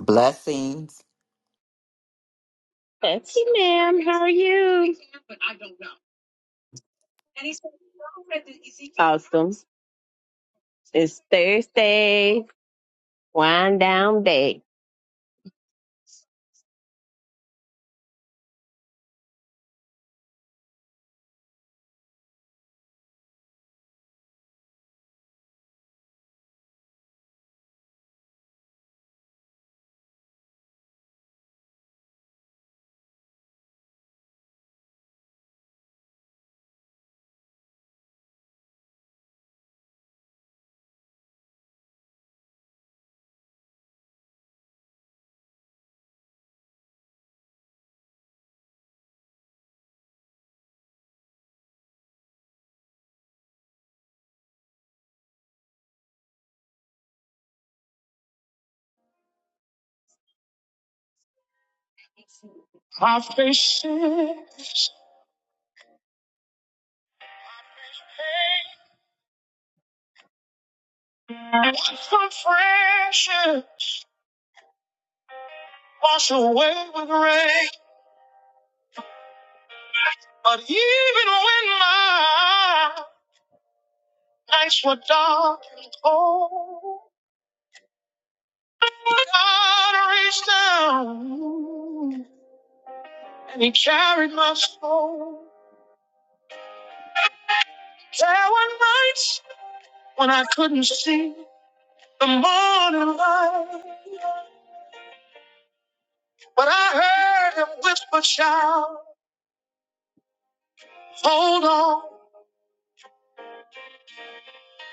Blessings. Betsy, ma'am, how are you? Awesome. It's Thursday, wind down day. Coffee sits, for precious, wash away with rain. But even when my nights were dark and cold, God reached down and He carried my soul. There were nights when I couldn't see. the morning light. But I heard him whisper, shout, hold on.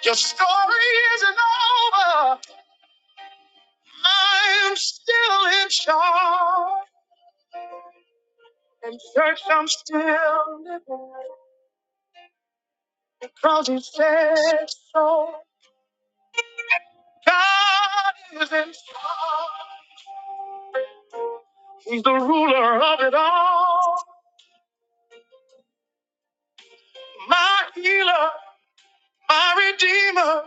Your story isn't over. I'm still in charge. In church, I'm still living because he said so. God is in charge. He's the ruler of it all. My healer, my redeemer,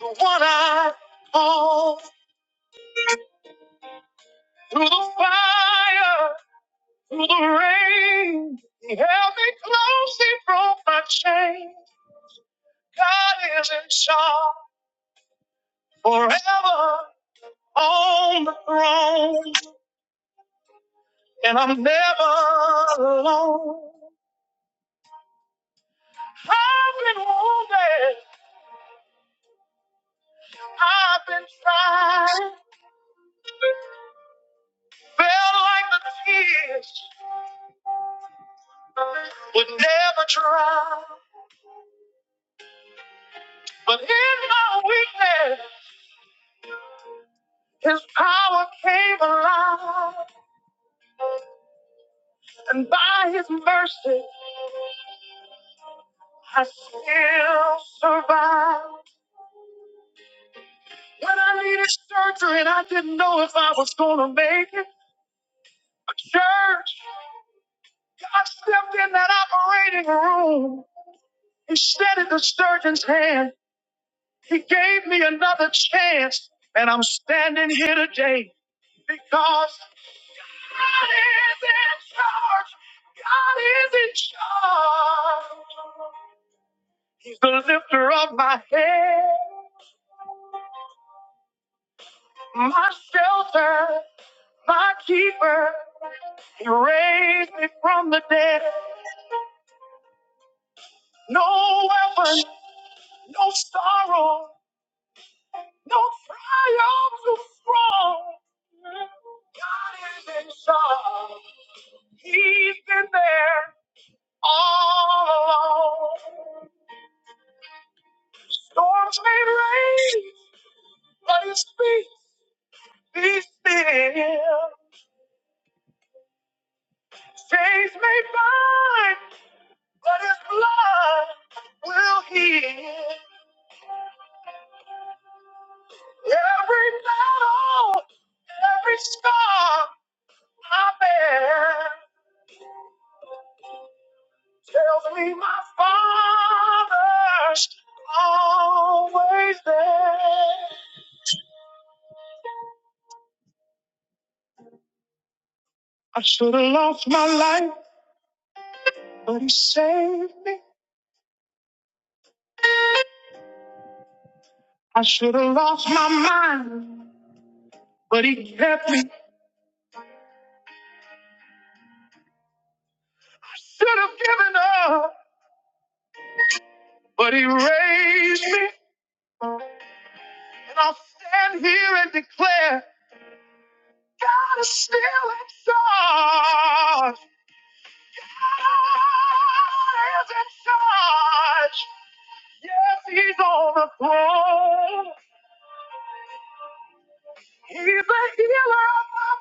the one I call Through the fire, through the rain, He held me close, He broke my chain. God is in charge forever on the throne, and I'm never alone. I've been wounded, I've been tried, felt like the tears would never dry. But in my weakness, His power came alive, and by His mercy, I still survive. When I needed surgery and I didn't know if I was going to make it, a church, God stepped in that operating room. He steadied the surgeon's hand. He gave me another chance, and I'm standing here today because. God is in charge. God is in charge. He's the lifter of my head, my shelter, my keeper. He raised me from the dead. No weapon, no sorrow, no triumph too strong. God is in charge. He's been there. all alone. Storms may rage, but His peace be still. Chains may bind, but His blood will heal. Every battle, every scar I bear tells me my Father's always there. I should have lost my life. But he saved me. I should have lost my mind, but he kept me. I should have given up, but he raised me. And I'll stand here and declare God is still in charge. God is in charge. Yes, he's on the throne. He's a healer of my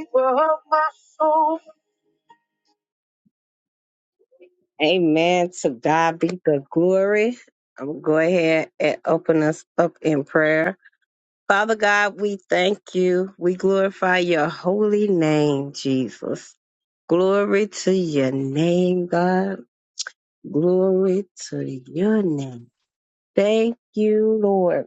body, keeper of my soul. Amen. To God be the glory. I'm going to go ahead and open us up in prayer. Father God, we thank you. We glorify your holy name, Jesus. Glory to your name, God. Glory to your name. Thank you, Lord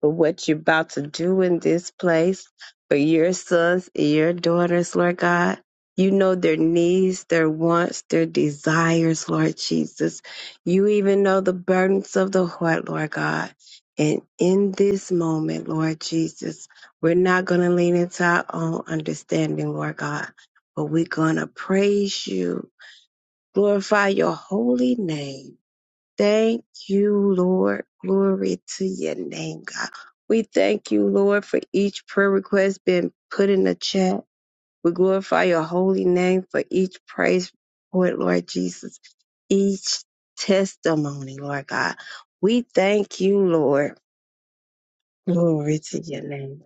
for what you're about to do in this place for your sons and your daughters, Lord God. You know their needs, their wants, their desires, Lord Jesus. You even know the burdens of the heart, Lord God. And in this moment, Lord Jesus, we're not going to lean into our own understanding, Lord God, but we're going to praise you, glorify your holy name Thank you, Lord. Glory to your name, God. We thank you, Lord, for each prayer request being put in the chat. We glorify your holy name for each praise report, Lord Jesus, each testimony, Lord God. We thank you, Lord. Glory to your name.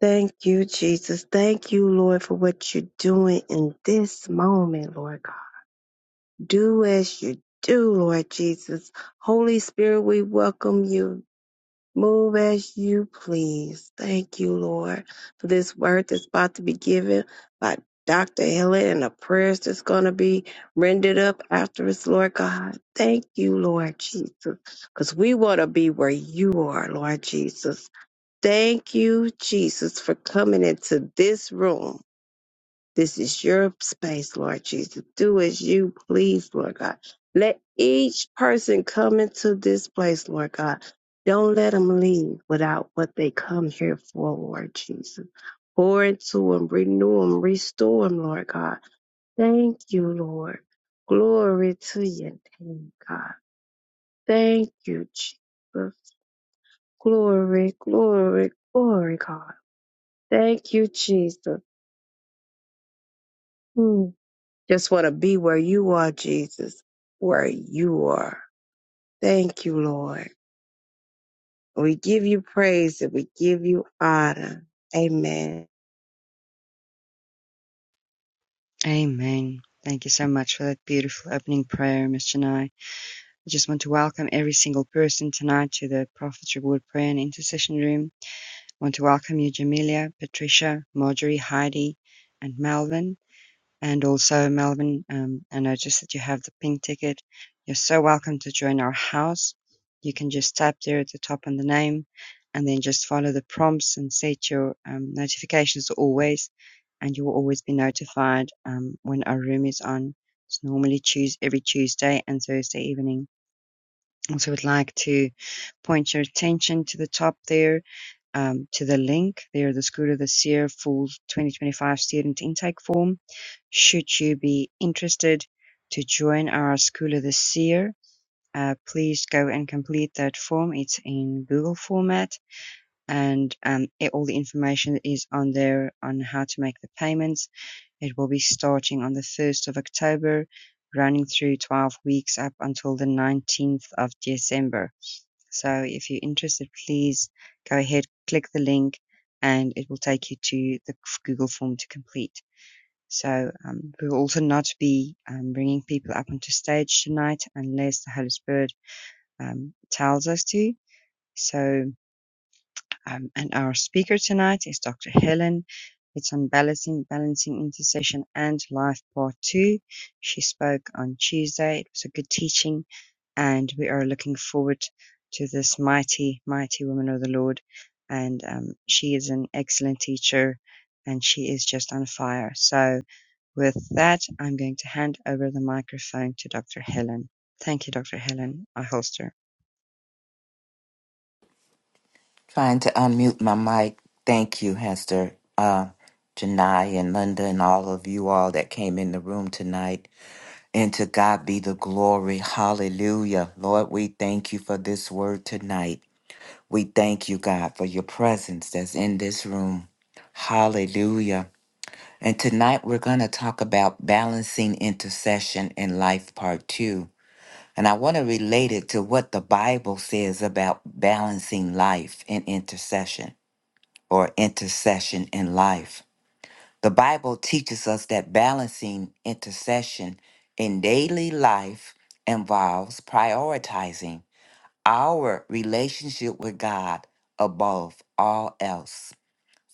Thank you, Jesus. Thank you, Lord, for what you're doing in this moment, Lord God. Do as you do, Lord Jesus. Holy Spirit, we welcome you. Move as you please. Thank you, Lord, for this word that's about to be given by Dr. Helen and the prayers that's going to be rendered up after us, Lord God. Thank you, Lord Jesus, because we want to be where you are, Lord Jesus. Thank you, Jesus, for coming into this room this is your space, Lord Jesus. Do as you please, Lord God. Let each person come into this place, Lord God. Don't let them leave without what they come here for, Lord Jesus. Pour into them, renew them, restore them, Lord God. Thank you, Lord. Glory to your name, God. Thank you, Jesus. Glory, glory, glory, God. Thank you, Jesus. Hmm. Just want to be where you are, Jesus, where you are. Thank you, Lord. We give you praise and we give you honor. Amen. Amen. Thank you so much for that beautiful opening prayer, Miss Janai. I just want to welcome every single person tonight to the Prophet's Reward Prayer and Intercession Room. I want to welcome you, Jamelia, Patricia, Marjorie, Heidi, and Melvin and also Melvin. Um, I noticed that you have the pink ticket. You're so welcome to join our house. You can just tap there at the top on the name, and then just follow the prompts and set your um, notifications to always, and you will always be notified um, when our room is on. It's normally choose every Tuesday and Thursday evening and so I would like to point your attention to the top there, um, to the link there, the School of the Seer Full 2025 Student Intake Form. Should you be interested to join our School of the Seer, uh, please go and complete that form. It's in Google format and um, it- all the information is on there on how to make the payments. It will be starting on the 1st of October, running through 12 weeks up until the 19th of December. So if you're interested, please go ahead, click the link, and it will take you to the Google form to complete. So um, we will also not be um, bringing people up onto stage tonight unless the Holy Spirit um, tells us to. So um, and our speaker tonight is Dr. Helen. It's on balancing, balancing intercession and life part two. She spoke on Tuesday. It was a good teaching and we are looking forward to this mighty, mighty woman of the Lord. And um, she is an excellent teacher and she is just on fire. So, with that, I'm going to hand over the microphone to Dr. Helen. Thank you, Dr. Helen I holster. Trying to unmute my mic. Thank you, Hester, uh, Janai, and Linda, and all of you all that came in the room tonight. And to God be the glory. Hallelujah. Lord, we thank you for this word tonight. We thank you, God, for your presence that's in this room. Hallelujah. And tonight we're going to talk about balancing intercession in life part two. And I want to relate it to what the Bible says about balancing life and intercession or intercession in life. The Bible teaches us that balancing intercession in daily life involves prioritizing our relationship with God above all else,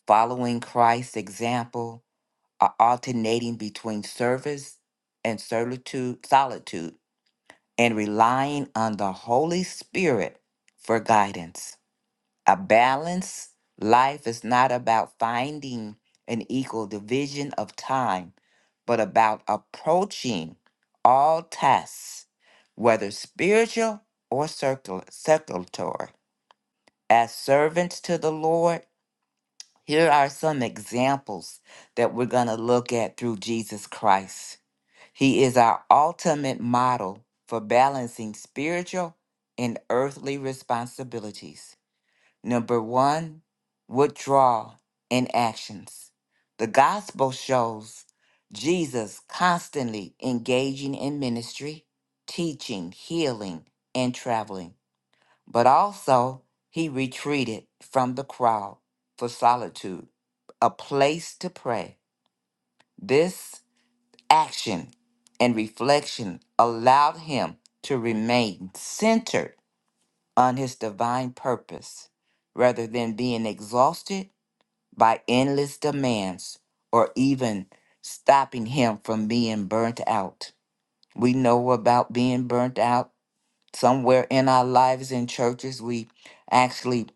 following Christ's example, or alternating between service and solitude, solitude and relying on the Holy Spirit for guidance. A balanced life is not about finding an equal division of time, but about approaching all tasks, whether spiritual or circul- circulatory. As servants to the Lord, here are some examples that we're going to look at through Jesus Christ. He is our ultimate model for balancing spiritual and earthly responsibilities. Number one, withdrawal in actions. The gospel shows Jesus constantly engaging in ministry, teaching, healing, and traveling, but also he retreated from the crowd for solitude, a place to pray. This action and reflection allowed him to remain centered on his divine purpose rather than being exhausted by endless demands or even stopping him from being burnt out. We know about being burnt out somewhere in our lives in churches. We actually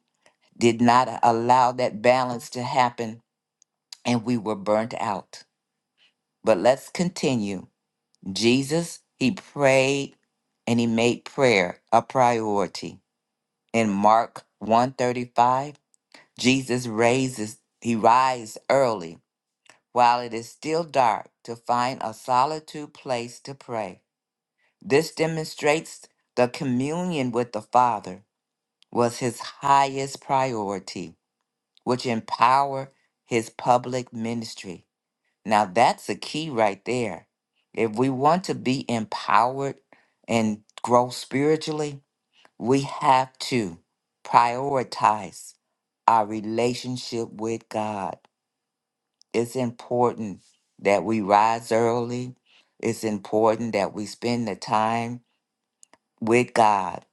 did not allow that balance to happen and we were burnt out. But let's continue Jesus, he prayed and he made prayer a priority. In Mark 135, Jesus raises he rises early while it is still dark to find a solitude place to pray. This demonstrates the communion with the Father was his highest priority, which empowered his public ministry. Now that's the key right there. If we want to be empowered and grow spiritually, we have to prioritize our relationship with God. It's important that we rise early. It's important that we spend the time with God.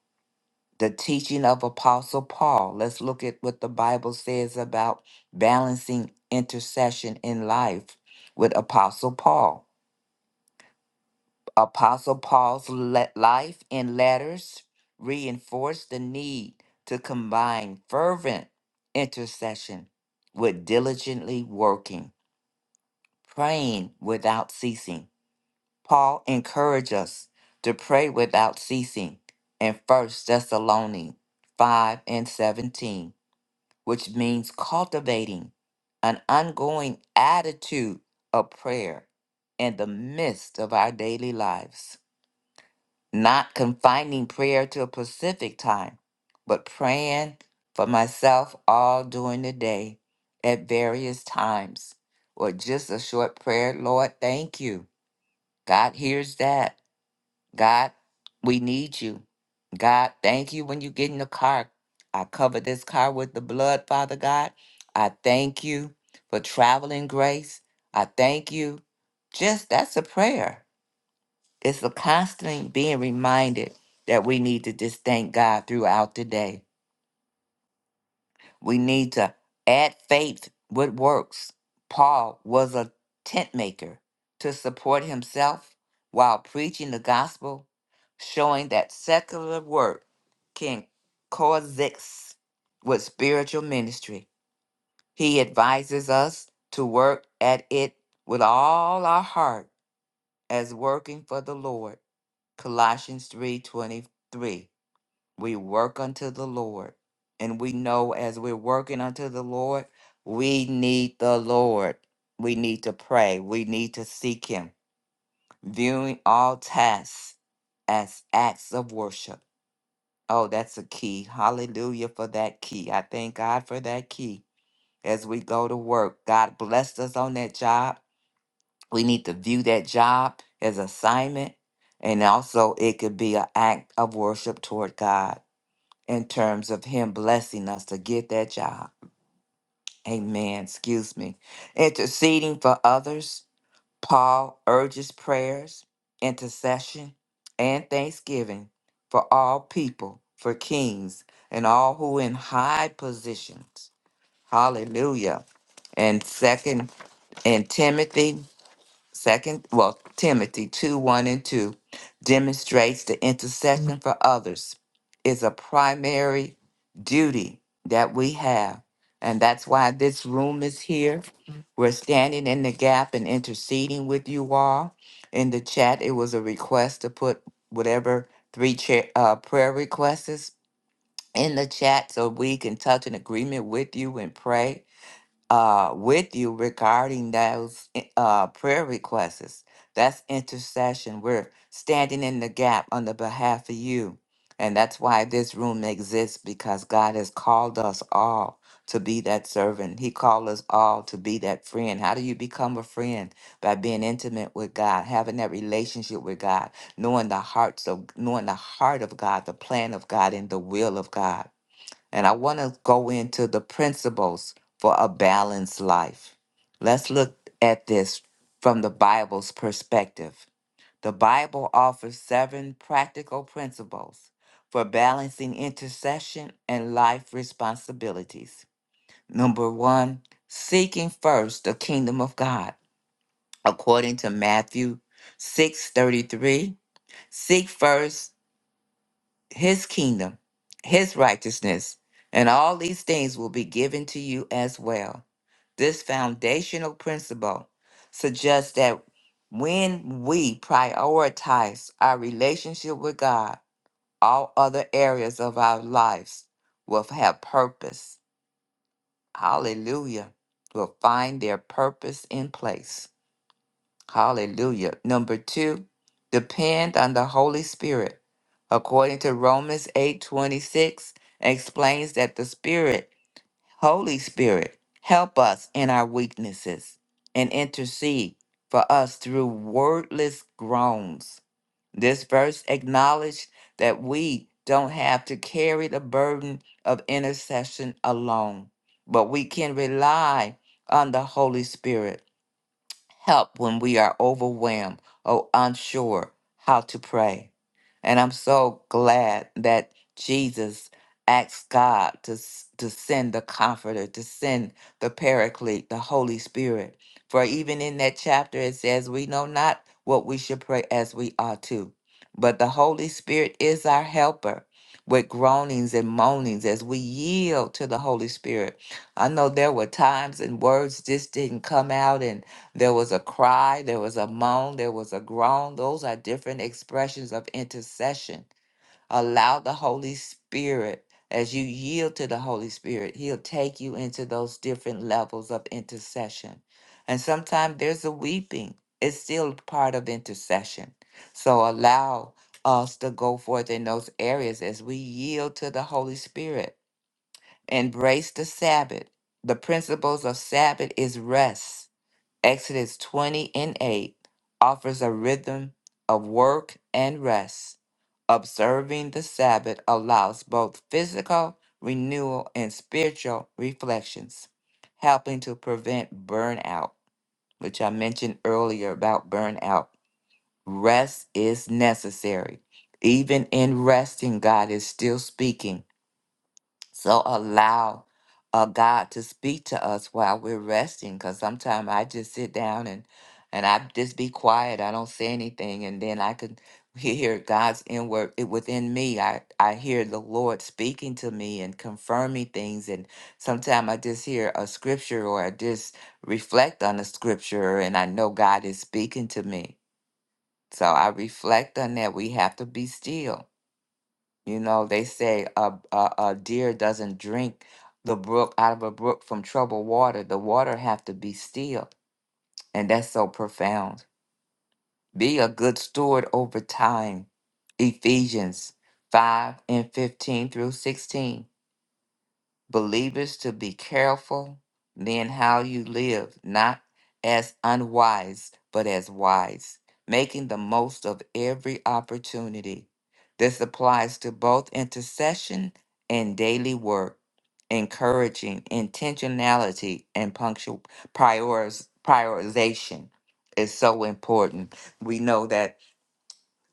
The teaching of Apostle Paul. Let's look at what the Bible says about balancing intercession in life with Apostle Paul. Apostle Paul's le- life and letters reinforce the need to combine fervent intercession with diligently working, praying without ceasing. Paul encouraged us to pray without ceasing in First Thessalonians 5 and 17, which means cultivating an ongoing attitude of prayer in the midst of our daily lives not confining prayer to a specific time, but praying for myself all during the day at various times, or just a short prayer. Lord, thank you. God hears that. God, we need you. God, thank you when you get in the car. I cover this car with the blood, Father God. I thank you for traveling grace. I thank you. Just that's a prayer. It's a constant being reminded that we need to just thank God throughout the day. We need to add faith with works. Paul was a tent maker to support himself while preaching the gospel, showing that secular work can coexist with spiritual ministry. He advises us to work at it with all our heart as working for the Lord Colossians 3:23. We work unto the Lord, and we know as we're working unto the Lord, we need the Lord. We need to pray. We need to seek him, viewing all tasks as acts of worship. Oh, that's a key. Hallelujah for that key. I thank God for that key as we go to work. God blessed us on that job we need to view that job as assignment and also it could be an act of worship toward god in terms of him blessing us to get that job amen excuse me interceding for others paul urges prayers intercession and thanksgiving for all people for kings and all who in high positions hallelujah and second and timothy Second, well, Timothy 2 1 and 2 demonstrates the intercession for others is a primary duty that we have. And that's why this room is here. We're standing in the gap and interceding with you all. In the chat, it was a request to put whatever three cha- uh, prayer requests is in the chat so we can touch an agreement with you and pray uh, with you regarding those eh, uh, prayer requests. That's intercession. We're standing in the gap on the behalf of you. And that's why this room exists because God has called us all to be that servant. He called us all to be that friend. How do you become a friend? By being intimate with God, having that relationship with God, knowing the hearts of knowing the heart of God, the plan of God, and the will of God. And I want to go into the principles for a balanced life. Let's look at this from the Bible's perspective. The Bible offers seven practical principles for balancing intercession and life responsibilities. Number one, seeking first the kingdom of God, according to Matthew six thirty three. Seek first his kingdom, his righteousness, and all these things will be given to you as well. This foundational principle suggests that when we prioritize our relationship with God, all other areas of our lives will have purpose. Hallelujah. Will find their purpose in place. Hallelujah. Number two, depend on the Holy Spirit. According to Romans 8 26. explains that the Spirit, Holy Spirit, help us in our weaknesses and intercede for us through wordless groans. This verse acknowledged that we don't have to carry the burden of intercession alone, but we can rely on the Holy Spirit help when we are overwhelmed or unsure how to pray. And I'm so glad that Jesus asked God to, s- to send the Comforter, to send the Paraclete, the Holy Spirit. For even in that chapter, it says, We know not what we should pray as we ought to. But the Holy Spirit is our helper with groanings and moanings as we yield to the Holy Spirit. I know there were times and words just didn't come out, and. There was a cry, there was a moan, there was a groan. Those are different expressions of intercession. Allow the Holy Spirit, as you yield to the Holy Spirit, He'll take you into those different levels of intercession. And sometimes there's a weeping, it's still part of intercession. So allow us to go forth in those areas as we yield to the Holy Spirit. Embrace the Sabbath. The principles of Sabbath is rest Exodus 20 and 8 offers a rhythm of work and rest. Observing the Sabbath allows both physical renewal and spiritual reflections, helping to prevent burnout, which I mentioned earlier about burnout. Rest is necessary. Even in resting, God is still speaking. So allow uh, God to speak to us while we're resting. Because sometimes I just sit down and and I just be quiet. I don't say anything, and then I could hear God's inward it within me. I I hear the Lord speaking to me and confirming things. And sometimes I just hear a scripture or I just reflect on a scripture, and I know God is speaking to me. So I reflect on that. We have to be still you know, they say a, a, a deer doesn't drink the brook out of a brook from troubled water. The water have to be still. And that's so profound. Be a good steward over time. Ephesians 5 and 15 through 16 believers to be careful then how you live, not as unwise, but as wise, making the most of every opportunity. This applies to both intercession and daily work, encouraging intentionality and punctual prioriz- prioritization is so important. We know that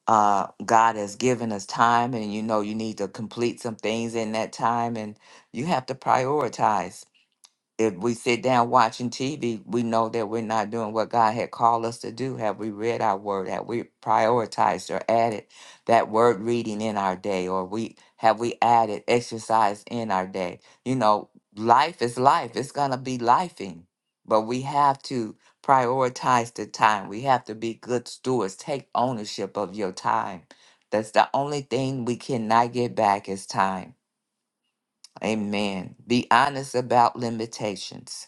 uh, God has given us time, and you know, you need to complete some things in that time, and you have to prioritize if we sit down watching TV, we know that we're not doing what God had called us to do. Have we read our word? Have we prioritized or added that word reading in our day? Or we have we added exercise in our day? You know, life is life. It's gonna be lifing. But we have to prioritize the time. We have to be good stewards. Take ownership of your time. That's the only thing we cannot get back is time. Amen. Be honest about limitations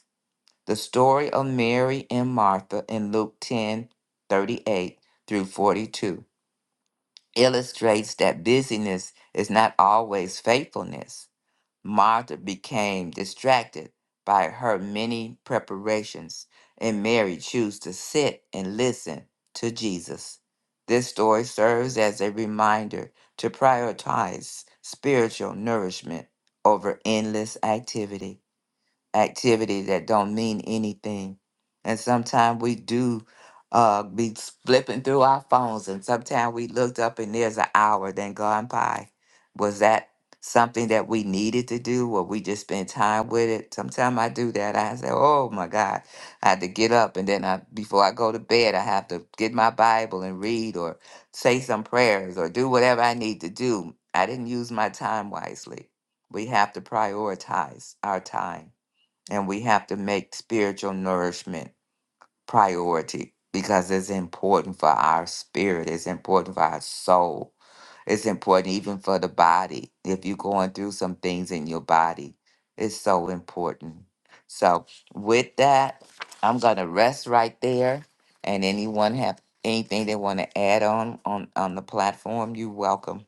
the story of Mary and Martha in Luke 10 38 through 42 illustrates that busyness is not always faithfulness. Martha became distracted by her many preparations, and Mary chose to sit and listen to Jesus. This story serves as a reminder to prioritize spiritual nourishment over endless activity. Activities that don't mean anything. And sometimes we do uh, be flipping through our phones, and sometimes we looked up and there's an hour then gone by. Was that something that we needed to do? Or we just spend time with it? Sometimes I do that. I say, "Oh my God, I had to get up," and then I, before I go to bed, I have to get my Bible and read, or say some prayers, or do whatever I need to do. I didn't use my time wisely. We have to prioritize our time and we have to make spiritual nourishment priority because it's important for our spirit it's important for our soul it's important even for the body if you're going through some things in your body it's so important so with that i'm gonna rest right there and anyone have anything they want to add on on on the platform you're welcome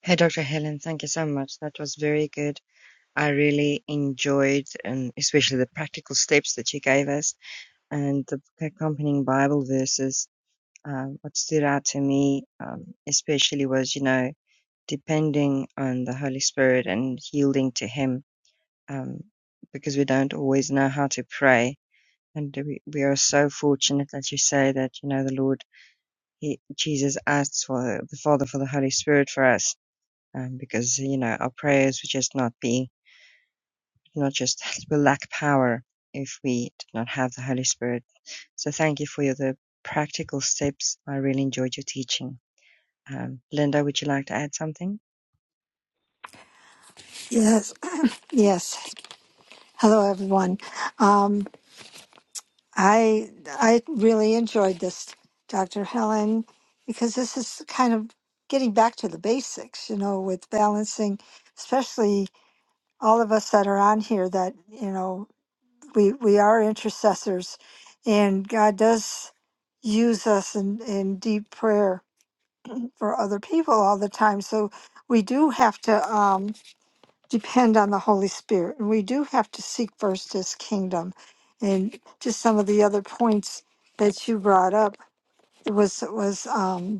Hey, Dr. Helen, thank you so much. That was very good I really enjoyed, and especially the practical steps that you gave us and the accompanying Bible verses. Um, what stood out to me, um, especially, was you know depending on the Holy Spirit and yielding to Him, um, because we don't always know how to pray, and we, we are so fortunate that you say that you know the Lord, he, Jesus asks for the Father for the Holy Spirit for us, um, because you know our prayers would just not be not just will lack power if we do not have the Holy Spirit. So thank you for your, the practical steps. I really enjoyed your teaching. Um, Linda, would you like to add something? Yes, uh, yes. Hello, everyone. Um, I I really enjoyed this, Dr. Helen, because this is kind of getting back to the basics, you know, with balancing, especially all of us that are on here that you know we we are intercessors, and God does use us in in deep prayer for other people all the time. So we do have to. Um, depend on the Holy Spirit. And we do have to seek first his kingdom. And just some of the other points that you brought up it was it was um,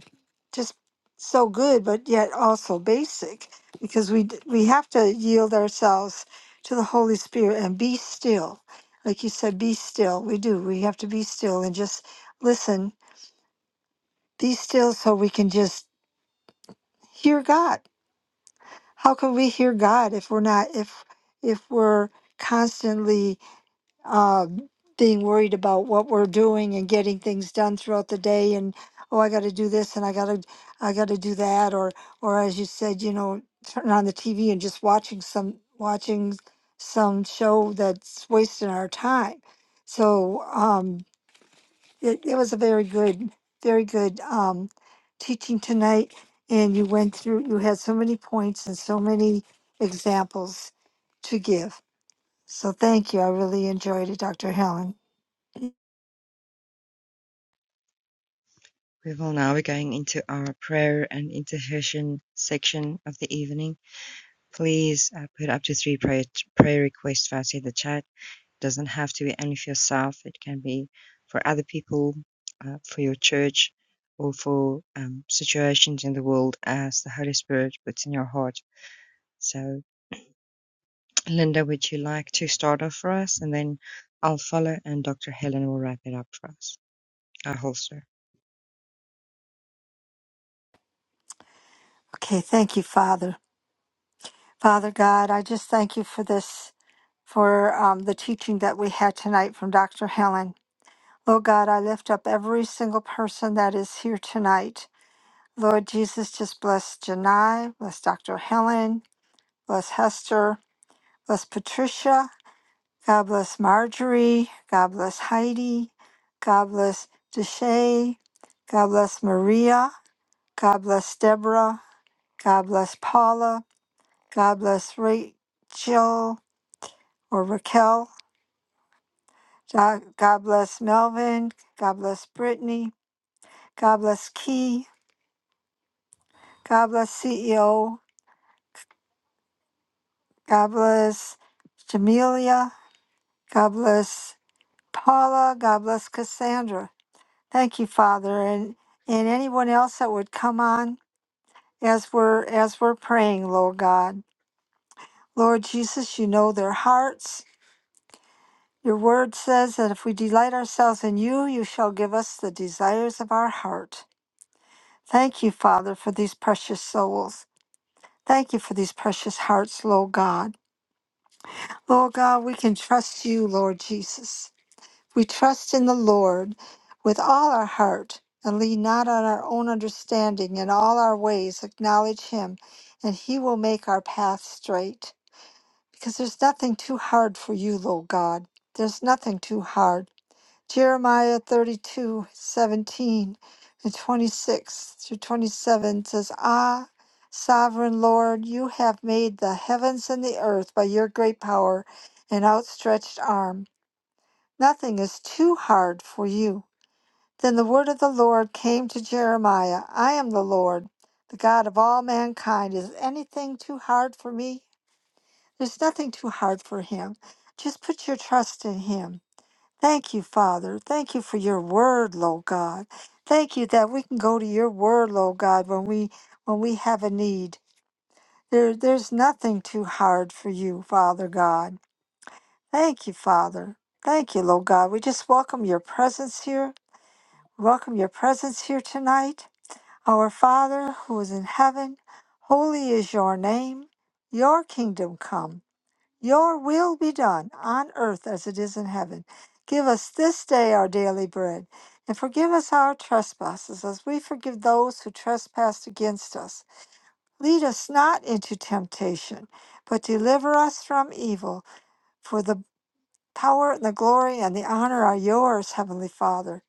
just so good, but yet also basic because we d- we have to yield ourselves to the Holy Spirit and be still. Like you said, be still. We do. We have to be still and just listen. Be still so we can just hear God. How can we hear God if we're not if if we're constantly uh, being worried about what we're doing and getting things done throughout the day and oh i got to do this and i got to i got to do that or or as you said you know turn on the tv and just watching some watching some show that's wasting our time so um it, it was a very good very good um teaching tonight and you went through you had so many points and so many examples to give so thank you i really enjoyed it dr helen We will now be going into our prayer and intercession section of the evening. Please uh, put up to three prayer, prayer requests for us in the chat. It doesn't have to be only for yourself. It can be for other people, uh, for your church, or for um, situations in the world as the Holy Spirit puts in your heart So, Linda, would you like to start off for us? And then I'll follow, and Dr. Helen will wrap it up for us. I holster. Okay, thank you, Father. Father God, I just thank you for this, for um, the teaching that we had tonight from Dr. Helen. Lord God, I lift up every single person that is here tonight. Lord Jesus, just bless Janai, bless Dr. Helen, bless Hester, bless Patricia, God bless Marjorie, God bless Heidi, God bless Deshay, God bless Maria, God bless Deborah, God bless Paula, God bless Rachel or Raquel. God God bless Melvin. God bless Brittany. God bless Key. God bless CEO. God bless Jamelia. God bless Paula. God bless Cassandra. Thank you, Father, and and anyone else that would come on as we're as we're praying, Lord God. Lord Jesus, you know their hearts. Your word says that if we delight ourselves in you, you shall give us the desires of our heart. Thank you, Father, for these precious souls. Thank you for these precious hearts, Lord God. Lord God, we can trust you, Lord Jesus. We trust in the Lord with all our heart and lean not on our own understanding. In all our ways, acknowledge Him, and He will make our path straight. Because there's nothing too hard for you, Lord God. There's nothing too hard. Jeremiah 32 17 and 26 through 27 says, Ah, sovereign Lord, you have made the heavens and the earth by your great power and outstretched arm. Nothing is too hard for you. Then the word of the Lord came to Jeremiah I am the Lord, the God of all mankind. Is anything too hard for me? There's nothing too hard for him. Just put your trust in him. Thank you, Father. Thank you for your word, Lord God. Thank you that we can go to your word, Lord God, when we when we have a need. There there's nothing too hard for you, Father God. Thank you, Father. Thank you, Lord God. We just welcome your presence here. Welcome your presence here tonight. Our Father who is in heaven, holy is your name. Your kingdom come. Your will be done on earth as it is in heaven. Give us this day our daily bread, and forgive us our trespasses as we forgive those who trespass against us. Lead us not into temptation, but deliver us from evil. For the power and the glory and the honor are yours, Heavenly Father.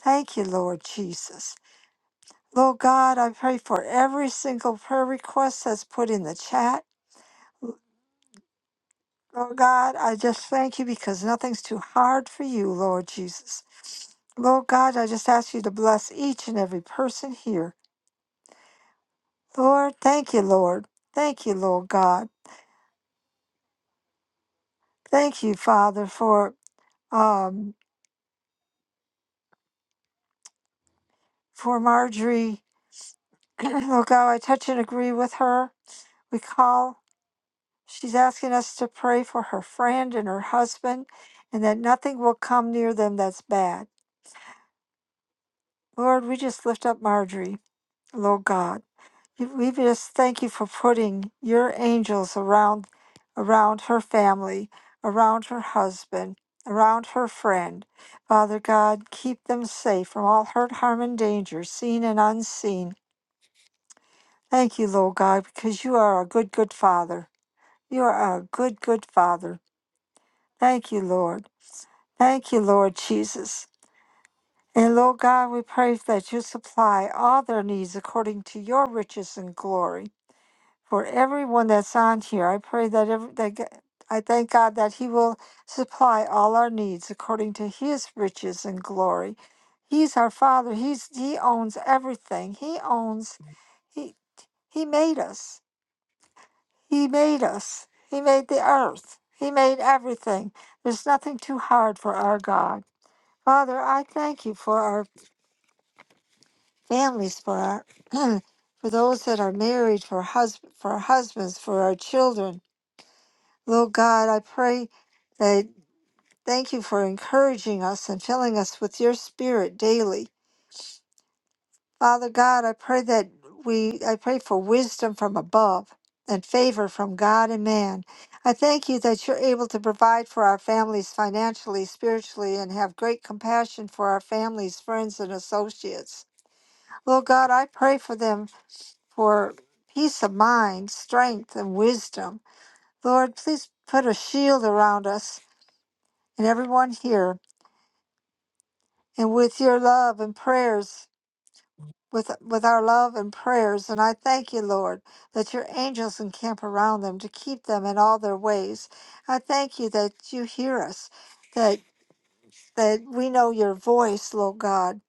Thank you, Lord Jesus. Lord God, I pray for every single prayer request that's put in the chat. Lord God, I just thank you because nothing's too hard for you, Lord Jesus. Lord God, I just ask you to bless each and every person here. Lord, thank you, Lord. Thank you, Lord God. Thank you, Father, for um for Marjorie. Lord God, I touch and agree with her. We call. She's asking us to pray for her friend and her husband and that nothing will come near them that's bad. Lord, we just lift up Marjorie, Lord God. We just thank you for putting your angels around around her family, around her husband, around her friend. Father God, keep them safe from all hurt, harm, and danger, seen and unseen. Thank you, Lord God, because you are a good, good Father. You are a good, good Father. Thank you, Lord. Thank you, Lord Jesus. And Lord God, we pray that you supply all their needs according to your riches and glory. for everyone that's on here. I pray that every that g- I thank God that He will supply all our needs according to His riches and glory. He's our Father. He's He owns everything. He owns He He made us. He made us. He made the earth. He made everything. There's nothing too hard for our God. Father, I thank you for our families, for our for those that are married, for husband, for our husbands, for our children, Lord God, I pray that thank you for encouraging us and filling us with your spirit daily. Father God, I pray that we I pray for wisdom from above and favor from God and man. I thank you that you're able to provide for our families financially, spiritually, and have great compassion for our families, friends, and associates. Lord God, I pray for them for peace of mind, strength, and wisdom. Lord, please put a shield around us and everyone here and with your love and prayers, with, with our love and prayers. And I thank you, Lord, that your angels encamp around them to keep them in all their ways. I thank you that you hear us, that that we know your voice, Lord God,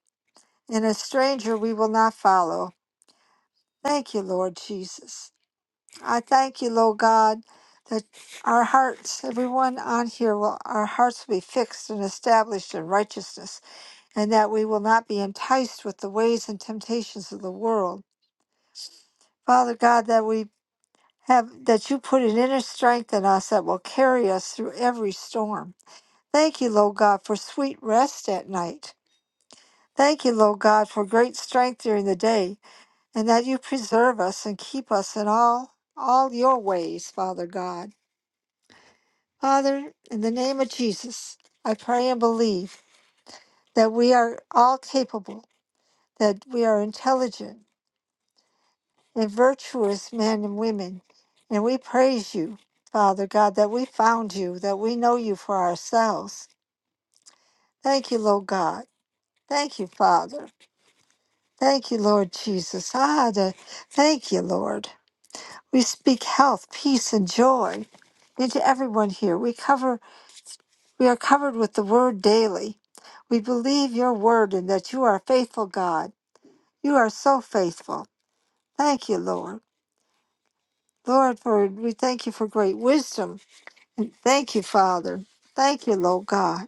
and a stranger we will not follow. Thank you, Lord Jesus. I thank you, Lord God, that our hearts, everyone on here, will our hearts will be fixed and established in righteousness and that we will not be enticed with the ways and temptations of the world. Father God, that we have that you put an inner strength in us that will carry us through every storm. Thank you, Lord God, for sweet rest at night. Thank you, Lord God, for great strength during the day, and that you preserve us and keep us in all all your ways, Father God. Father, in the name of Jesus, I pray and believe that we are all capable, that we are intelligent, and virtuous men and women. And we praise you, Father God, that we found you, that we know you for ourselves. Thank you, Lord God. Thank you, Father. Thank you, Lord Jesus. Ah, the, thank you, Lord. We speak health, peace, and joy into everyone here. We cover we are covered with the word daily. We believe your word and that you are a faithful God. You are so faithful. Thank you, Lord. Lord, for we thank you for great wisdom Thank you, Father. Thank you, Lord God.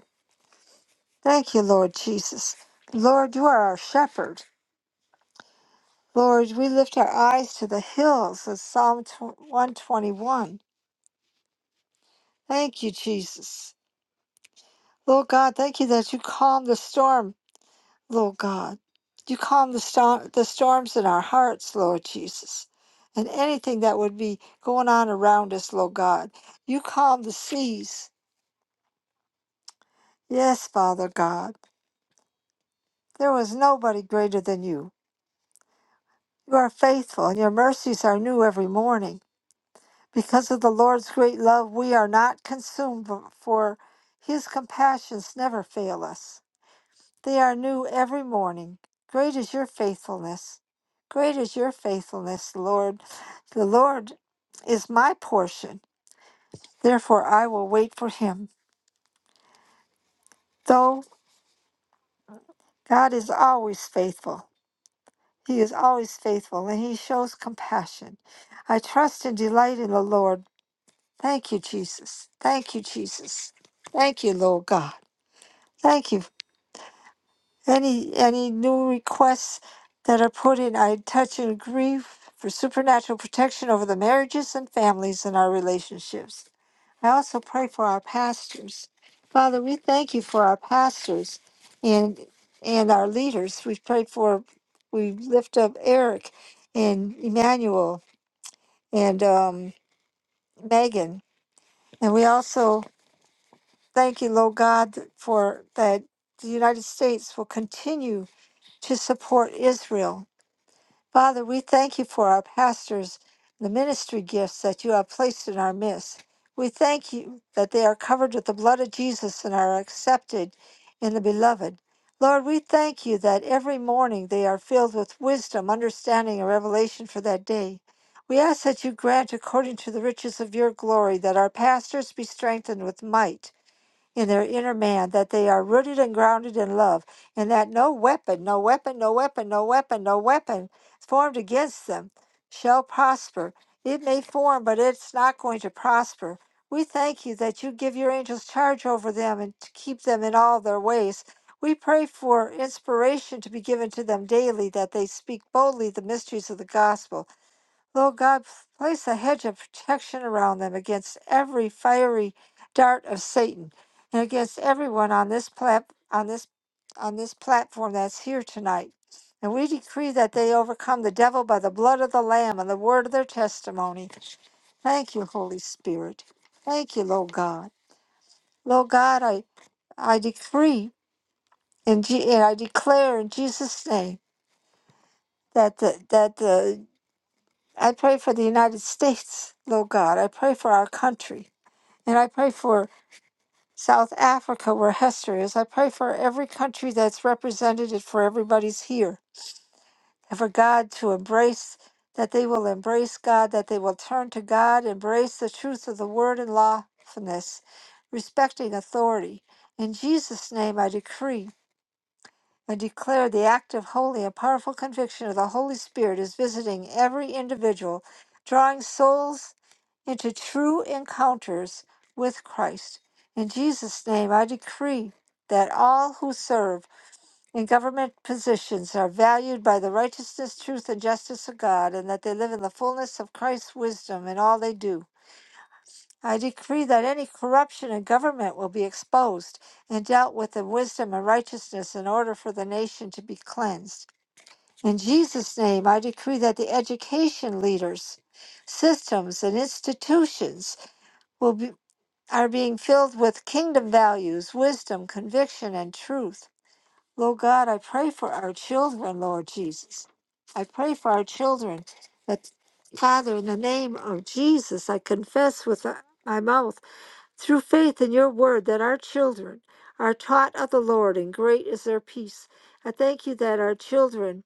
Thank you, Lord Jesus. Lord, you are our shepherd. Lord, we lift our eyes to the hills of Psalm 121. Thank you, Jesus. Lord God, thank you that you calm the storm, Lord God. You calm the, storm, the storms in our hearts, Lord Jesus. And anything that would be going on around us, Lord God. You calm the seas. Yes, Father God. There was nobody greater than you. You are faithful, and your mercies are new every morning. Because of the Lord's great love, we are not consumed, for his compassions never fail us. They are new every morning. Great is your faithfulness. Great is your faithfulness, Lord. The Lord is my portion. Therefore, I will wait for him. Though God is always faithful, he is always faithful, and he shows compassion. I trust and delight in the Lord. Thank you, Jesus. Thank you, Jesus. Thank you, Lord God. Thank you. Any any new requests that are put in, I touch and agree for supernatural protection over the marriages and families and our relationships. I also pray for our pastors. Father, we thank you for our pastors and and our leaders. We pray for we lift up Eric and Emmanuel and um, Megan. And we also Thank you, Lord God, for that the United States will continue to support Israel. Father, we thank you for our pastors, the ministry gifts that you have placed in our midst. We thank you that they are covered with the blood of Jesus and are accepted in the beloved. Lord, we thank you that every morning they are filled with wisdom, understanding, and revelation for that day. We ask that you grant, according to the riches of your glory, that our pastors be strengthened with might in their inner man, that they are rooted and grounded in love, and that no weapon, no weapon, no weapon, no weapon, no weapon formed against them shall prosper. It may form, but it's not going to prosper. We thank you that you give your angels charge over them and to keep them in all their ways. We pray for inspiration to be given to them daily, that they speak boldly the mysteries of the gospel Lord God, place a hedge of protection around them against every fiery dart of Satan and against everyone on this plat- on this on this platform that's here tonight. And we decree that they overcome the devil by the blood of the Lamb and the word of their testimony. Thank you, Holy Spirit. Thank you, Lord God. Lord God, I I decree and, Je- and I declare in Jesus' name that the that the I pray for the United States, Lord God. I pray for our country. And I pray for South Africa, where Hester is. I pray for every country that's represented and for everybody's here. And for God to embrace, that they will embrace God, that they will turn to God, embrace the truth of the word and lawfulness, respecting authority. In Jesus' name, I decree I declare the act of holy, a powerful conviction of the Holy Spirit is visiting every individual, drawing souls into true encounters with Christ. In Jesus' name, I decree that all who serve in government positions are valued by the righteousness, truth, and justice of God, and that they live in the fullness of Christ's wisdom in all they do. I decree that any corruption in government will be exposed and dealt with in wisdom and righteousness in order for the nation to be cleansed. In Jesus' name, I decree that the education leaders, systems, and institutions will be, are being filled with kingdom values, wisdom, conviction, and truth. Lord God, I pray for our children, Lord Jesus. I pray for our children that, Father, in the name of Jesus, I confess with my mouth through faith in your word that our children are taught of the Lord, and great is their peace. I thank you that our children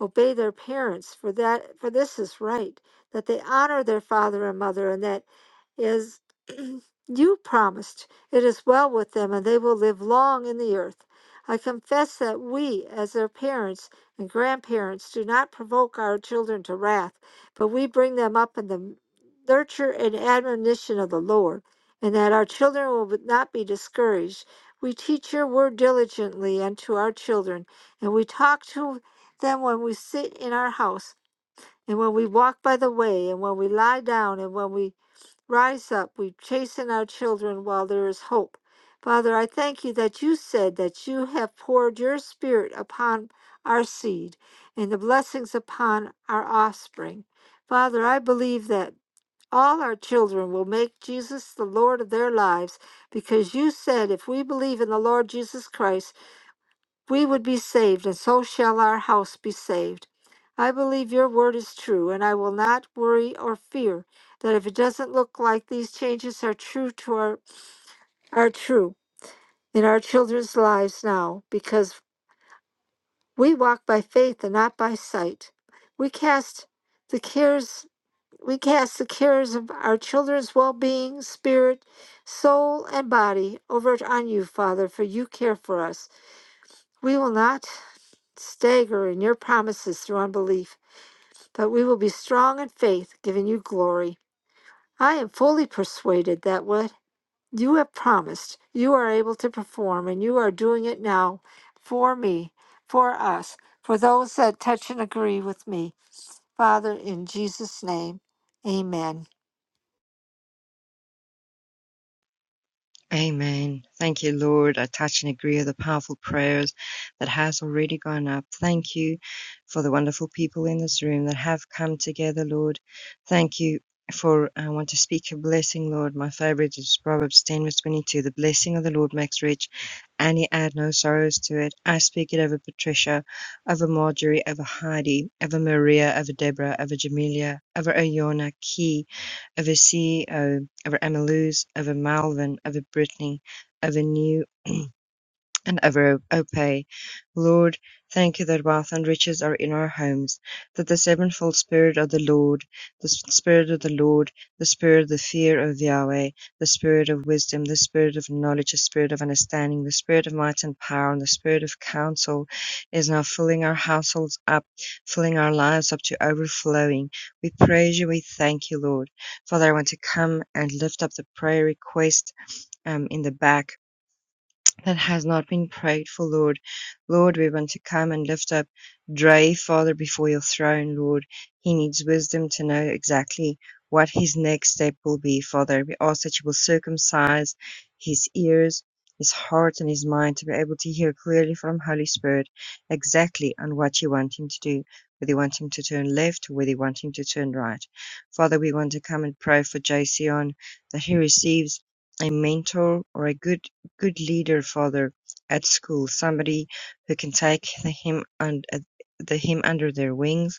obey their parents, for that for this is right, that they honor their father and mother, and that is you promised, It is well with them, and they will live long in the earth. I confess that we, as their parents and grandparents, do not provoke our children to wrath, but we bring them up in the nurture and admonition of the Lord, and that our children will not be discouraged. We teach your word diligently unto our children, and we talk to them when we sit in our house, and when we walk by the way, and when we lie down, and when we Rise up, we chasten our children while there is hope. Father, I thank you that you said that you have poured your spirit upon our seed and the blessings upon our offspring. Father, I believe that all our children will make Jesus the Lord of their lives because you said if we believe in the Lord Jesus Christ, we would be saved, and so shall our house be saved. I believe your word is true, and I will not worry or fear that if it doesn't look like these changes are true to our are true in our children's lives now, because we walk by faith and not by sight. We cast the cares we cast the cares of our children's well-being, spirit, soul, and body over on you, Father, for you care for us. We will not. staggering your promises through unbelief, but we will be strong in faith, giving you glory. I am fully persuaded that what you have promised, you are able to perform, and you are doing it now for me, for us, for those that touch and agree with me. Father, in Jesus' name, amen. Amen. Thank you, Lord. I touch and agree with the powerful prayers that has already gone up. Thank you for the wonderful people in this room that have come together, Lord. Thank you for I want to speak a blessing, Lord. My favorite is Proverbs 10 verse 22. The blessing of the Lord makes rich, and he add no sorrows to it. I speak it over Patricia, over Marjorie, over Heidi, over Maria, over Deborah, over Jamelia, over Oyona Key, over CEO. Over Emma Lewis, over Malvern, over Britney, over New and ever obey. Lord, thank you that wealth and riches are in our homes, that the sevenfold Spirit of the Lord, the Spirit of the Lord, the Spirit of the fear of Yahweh, the Spirit of wisdom, the Spirit of knowledge, the Spirit of understanding, the Spirit of might and power, and the Spirit of counsel is now filling our households up, filling our lives up to overflowing. We praise you, we thank you, Lord. Father, I want to come and lift up the prayer request um, in the back that has not been prayed for, Lord. Lord, we want to come and lift up Dre, Father, before your throne, Lord. He needs wisdom to know exactly what his next step will be, Father. We ask that you will circumcise his ears, his heart, and his mind to be able to hear clearly from Holy Spirit exactly on what you want him to do, whether you want him to turn left or whether you want him to turn right. Father, we want to come and pray for Jason that he receives a mentor or a good good leader father at school, somebody who can take the him and the him under their wings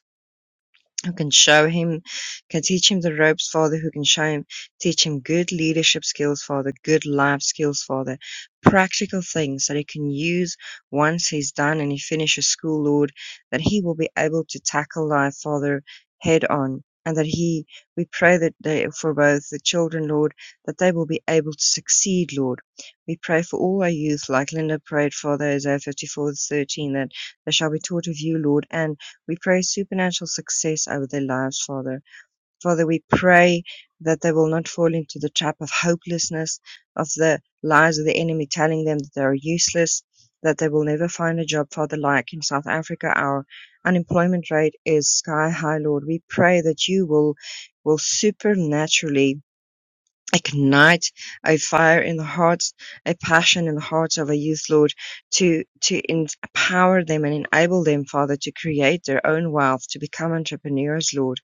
who can show him, can teach him the ropes, Father, who can show him, teach him good leadership skills, Father, good life skills, Father, practical things that he can use once he's done and he finishes school, Lord, that he will be able to tackle life, Father, head on. And that he, we pray that they, for both the children, Lord, that they will be able to succeed, Lord. We pray for all our youth, like Linda prayed, Father, Isaiah 54, 13, that they shall be taught of you, Lord, and we pray supernatural success over their lives, Father. Father, we pray that they will not fall into the trap of hopelessness, of the lies of the enemy telling them that they are useless, that they will never find a job, Father, like in South Africa. Our unemployment rate is sky high, Lord. We pray that you will will supernaturally ignite a fire in the hearts, a passion in the hearts of our youth, Lord, to to empower them and enable them, Father, to create their own wealth, to become entrepreneurs, Lord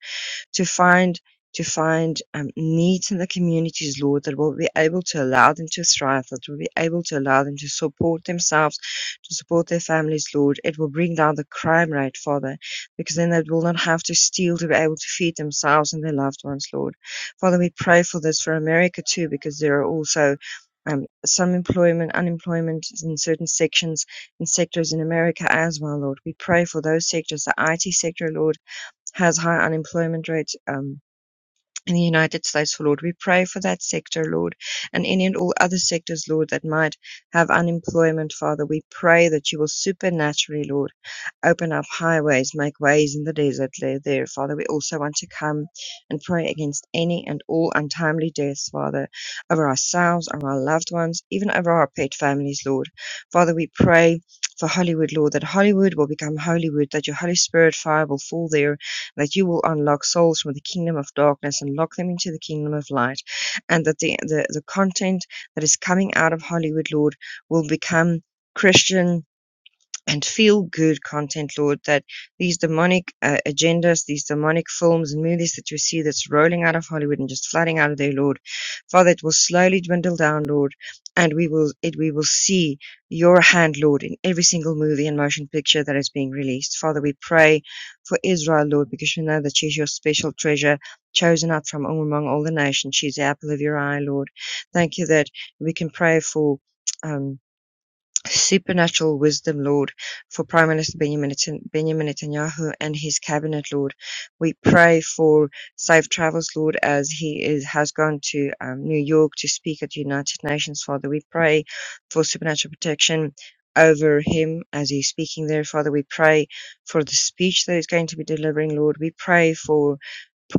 to find to find um, needs in the communities, Lord, that will be able to allow them to thrive, that will be able to allow them to support themselves, to support their families, Lord. It will bring down the crime rate, Father, because then they will not have to steal to be able to feed themselves and their loved ones, Lord. Father, we pray for this for America too, because there are also um, some employment, unemployment in certain sections and sectors in America as well, Lord. We pray for those sectors, the IT sector, Lord has high unemployment rates um, in the United States, for Lord. We pray for that sector, Lord, and any and all other sectors, Lord, that might have unemployment, Father. We pray that you will supernaturally, Lord, open up highways, make ways in the desert there, there, Father. We also want to come and pray against any and all untimely deaths, Father, over ourselves, over our loved ones, even over our pet families, Lord. Father, we pray for Hollywood, Lord, that Hollywood will become Hollywood, that your Holy Spirit fire will fall there that you will unlock souls from the kingdom of darkness and lock them into the kingdom of light, and that the the, the content that is coming out of Hollywood, Lord, will become Christian and feel good content, Lord, that these demonic uh, agendas, these demonic films and movies that you see that's rolling out of Hollywood and just flooding out of there, Lord, Father, it will slowly dwindle down, Lord, and we will it we will see your hand, Lord, in every single movie and motion picture that is being released. Father, we pray for Israel, Lord, because we know that she's your special treasure, chosen out from among all the nations. She's the apple of your eye, Lord. Thank you that we can pray for. Um, supernatural wisdom, Lord, for Prime Minister Benjamin Neten- Benjamin Netanyahu and his cabinet, Lord. We pray for safe travels, Lord, as he is, has gone to um, New York to speak at the United Nations, Father. We pray for supernatural protection over him as he's speaking there, Father. We pray for the speech that he's going to be delivering, Lord. We pray for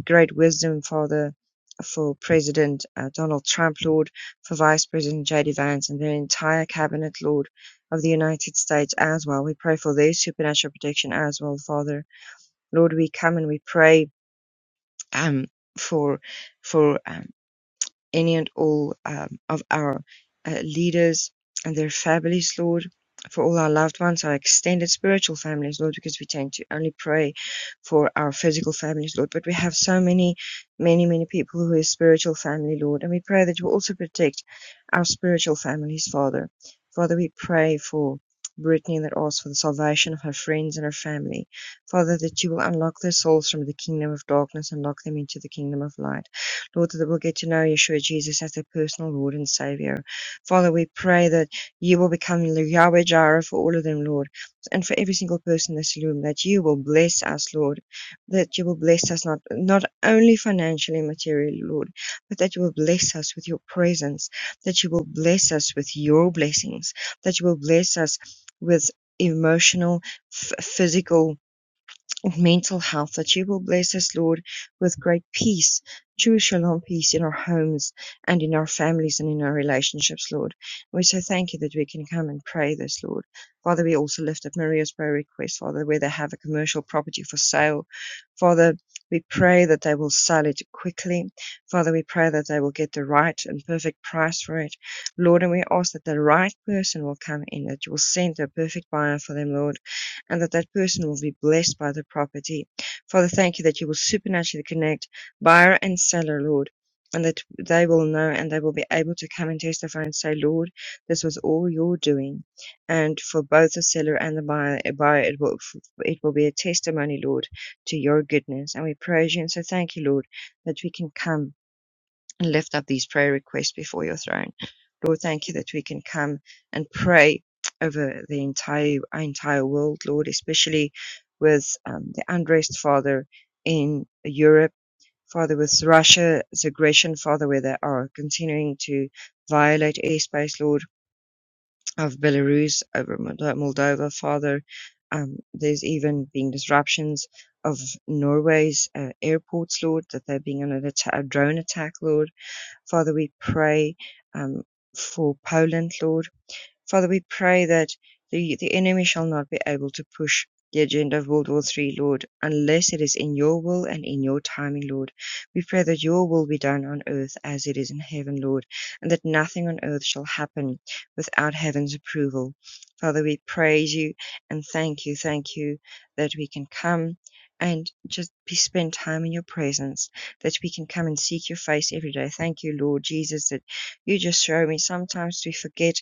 great wisdom, Father. For President uh, Donald Trump, Lord, for Vice President J.D. Vance and their entire cabinet, Lord of the United States as well. We pray for their supernatural protection as well, Father. Lord, we come and we pray um, for for um, any and all um, of our uh, leaders and their families, Lord, for all our loved ones, our extended spiritual families, Lord, because we tend to only pray for our physical families, Lord. But we have so many, many, many people who are spiritual family, Lord, and we pray that you also protect our spiritual families, Father. Father, we pray for Brittany that asks for the salvation of her friends and her family. Father, that you will unlock their souls from the kingdom of darkness and lock them into the kingdom of light. Lord, that we'll get to know Yeshua Jesus as their personal Lord and Savior. Father, we pray that you will become Yahweh Jireh for all of them, Lord, and for every single person in this room, that you will bless us, Lord, that you will bless us not, not only financially and materially, Lord, but that you will bless us with your presence, that you will bless us with your blessings, that you will bless us with emotional, f- physical, and mental health, that you will bless us, Lord, with great peace, true shalom peace in our homes and in our families and in our relationships, Lord. We so thank you that we can come and pray this, Lord. Father, we also lift up Maria's prayer request, Father, where they have a commercial property for sale. Father, we pray that they will sell it quickly. Father, we pray that they will get the right and perfect price for it. Lord, and we ask that the right person will come in, that you will send a perfect buyer for them, Lord and that that person will be blessed by the property. Father, thank you that you will supernaturally connect buyer and seller, Lord, and that they will know and they will be able to come and testify and say, Lord, this was all your doing. And for both the seller and the buyer, buyer it, will, it will be a testimony, Lord, to your goodness. And we praise you and so thank you, Lord, that we can come and lift up these prayer requests before your throne. Lord, thank you that we can come and pray over the entire our entire world, Lord, especially with um, the unrest, Father, in Europe, Father, with Russia's aggression, Father, where they are continuing to violate airspace, Lord, of Belarus over Moldo- Moldova, Father. Um, there's even been disruptions of Norway's uh, airports, Lord, that they're being under atta- a drone attack, Lord. Father, we pray um, for Poland, Lord. Father, we pray that the, the enemy shall not be able to push the agenda of World War Three, Lord, unless it is in your will and in your timing, Lord. We pray that your will be done on earth as it is in heaven, Lord, and that nothing on earth shall happen without heaven's approval. Father, we praise you and thank you, thank you that we can come and just be spend time in your presence, that we can come and seek your face every day. Thank you, Lord Jesus, that you just show me sometimes we forget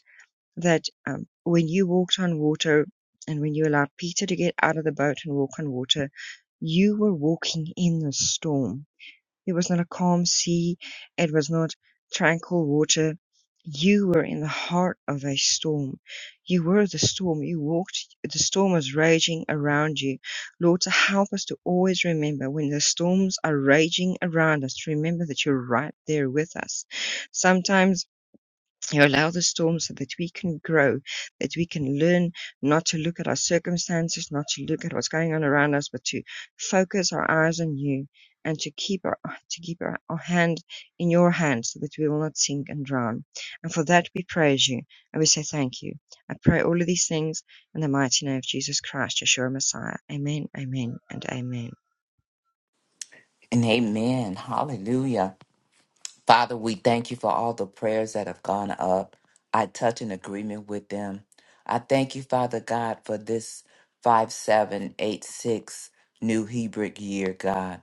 that um, when you walked on water and when you allowed Peter to get out of the boat and walk on water, you were walking in the storm. It was not a calm sea, it was not tranquil water. You were in the heart of a storm. You were the storm. You walked, the storm was raging around you. Lord, to help us to always remember when the storms are raging around us, remember that you're right there with us. Sometimes you allow the storm so that we can grow, that we can learn not to look at our circumstances, not to look at what's going on around us, but to focus our eyes on you and to keep our, to keep our, our hand in your hand so that we will not sink and drown. And for that we praise you and we say thank you. I pray all of these things in the mighty name of Jesus Christ, Yeshua Messiah. Amen, amen, and amen. and amen hallelujah Father, we thank you for all the prayers that have gone up. I touch an agreement with them. I thank you, Father God, for this 5786 New Hebrew year, God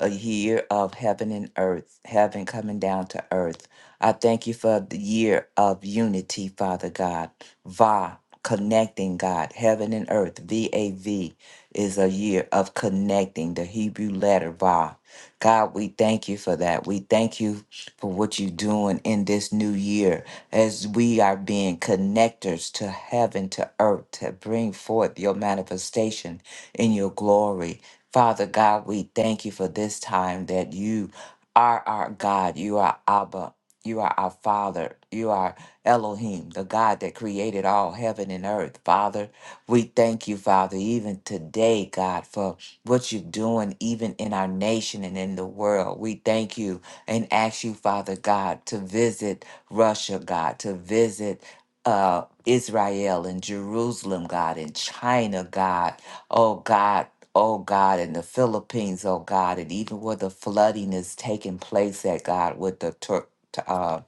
a year of heaven and earth, heaven coming down to earth. I thank you for the year of unity, Father God. Va, connecting God, heaven and earth. V A V is a year of connecting the Hebrew letter Va. God, we thank you for that. We thank you for what you're doing in this new year as we are being connectors to heaven, to earth, to bring forth your manifestation in your glory. Father God, we thank you for this time that you are our God. You are Abba. You are our Father. You are Elohim, the God that created all heaven and earth. Father, we thank you, Father, even today, God, for what you're doing, even in our nation and in the world. We thank you and ask you, Father God, to visit Russia, God, to visit uh, Israel and Jerusalem, God, and China, God. Oh, God oh God, in the Philippines, oh God, and even where the flooding is taking place at God with the tur- t- uh,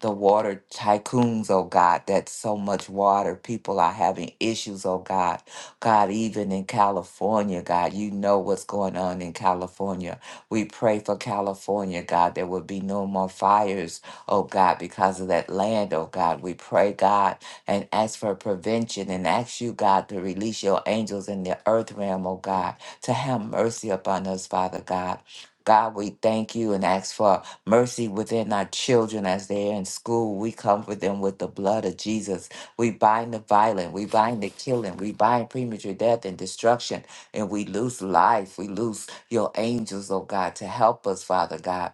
the water tycoons, oh God, that's so much water. People are having issues, oh God. God, even in California, God, you know what's going on in California. We pray for California, God, there will be no more fires, oh God, because of that land, oh God. We pray, God, and ask for prevention and ask you, God, to release your angels in the earth realm, oh God, to have mercy upon us, Father God. God, we thank you and ask for mercy within our children as they're in school. We comfort them with the blood of Jesus. We bind the violent, we bind the killing, we bind premature death and destruction, and we lose life. We lose your angels, oh God, to help us, Father God.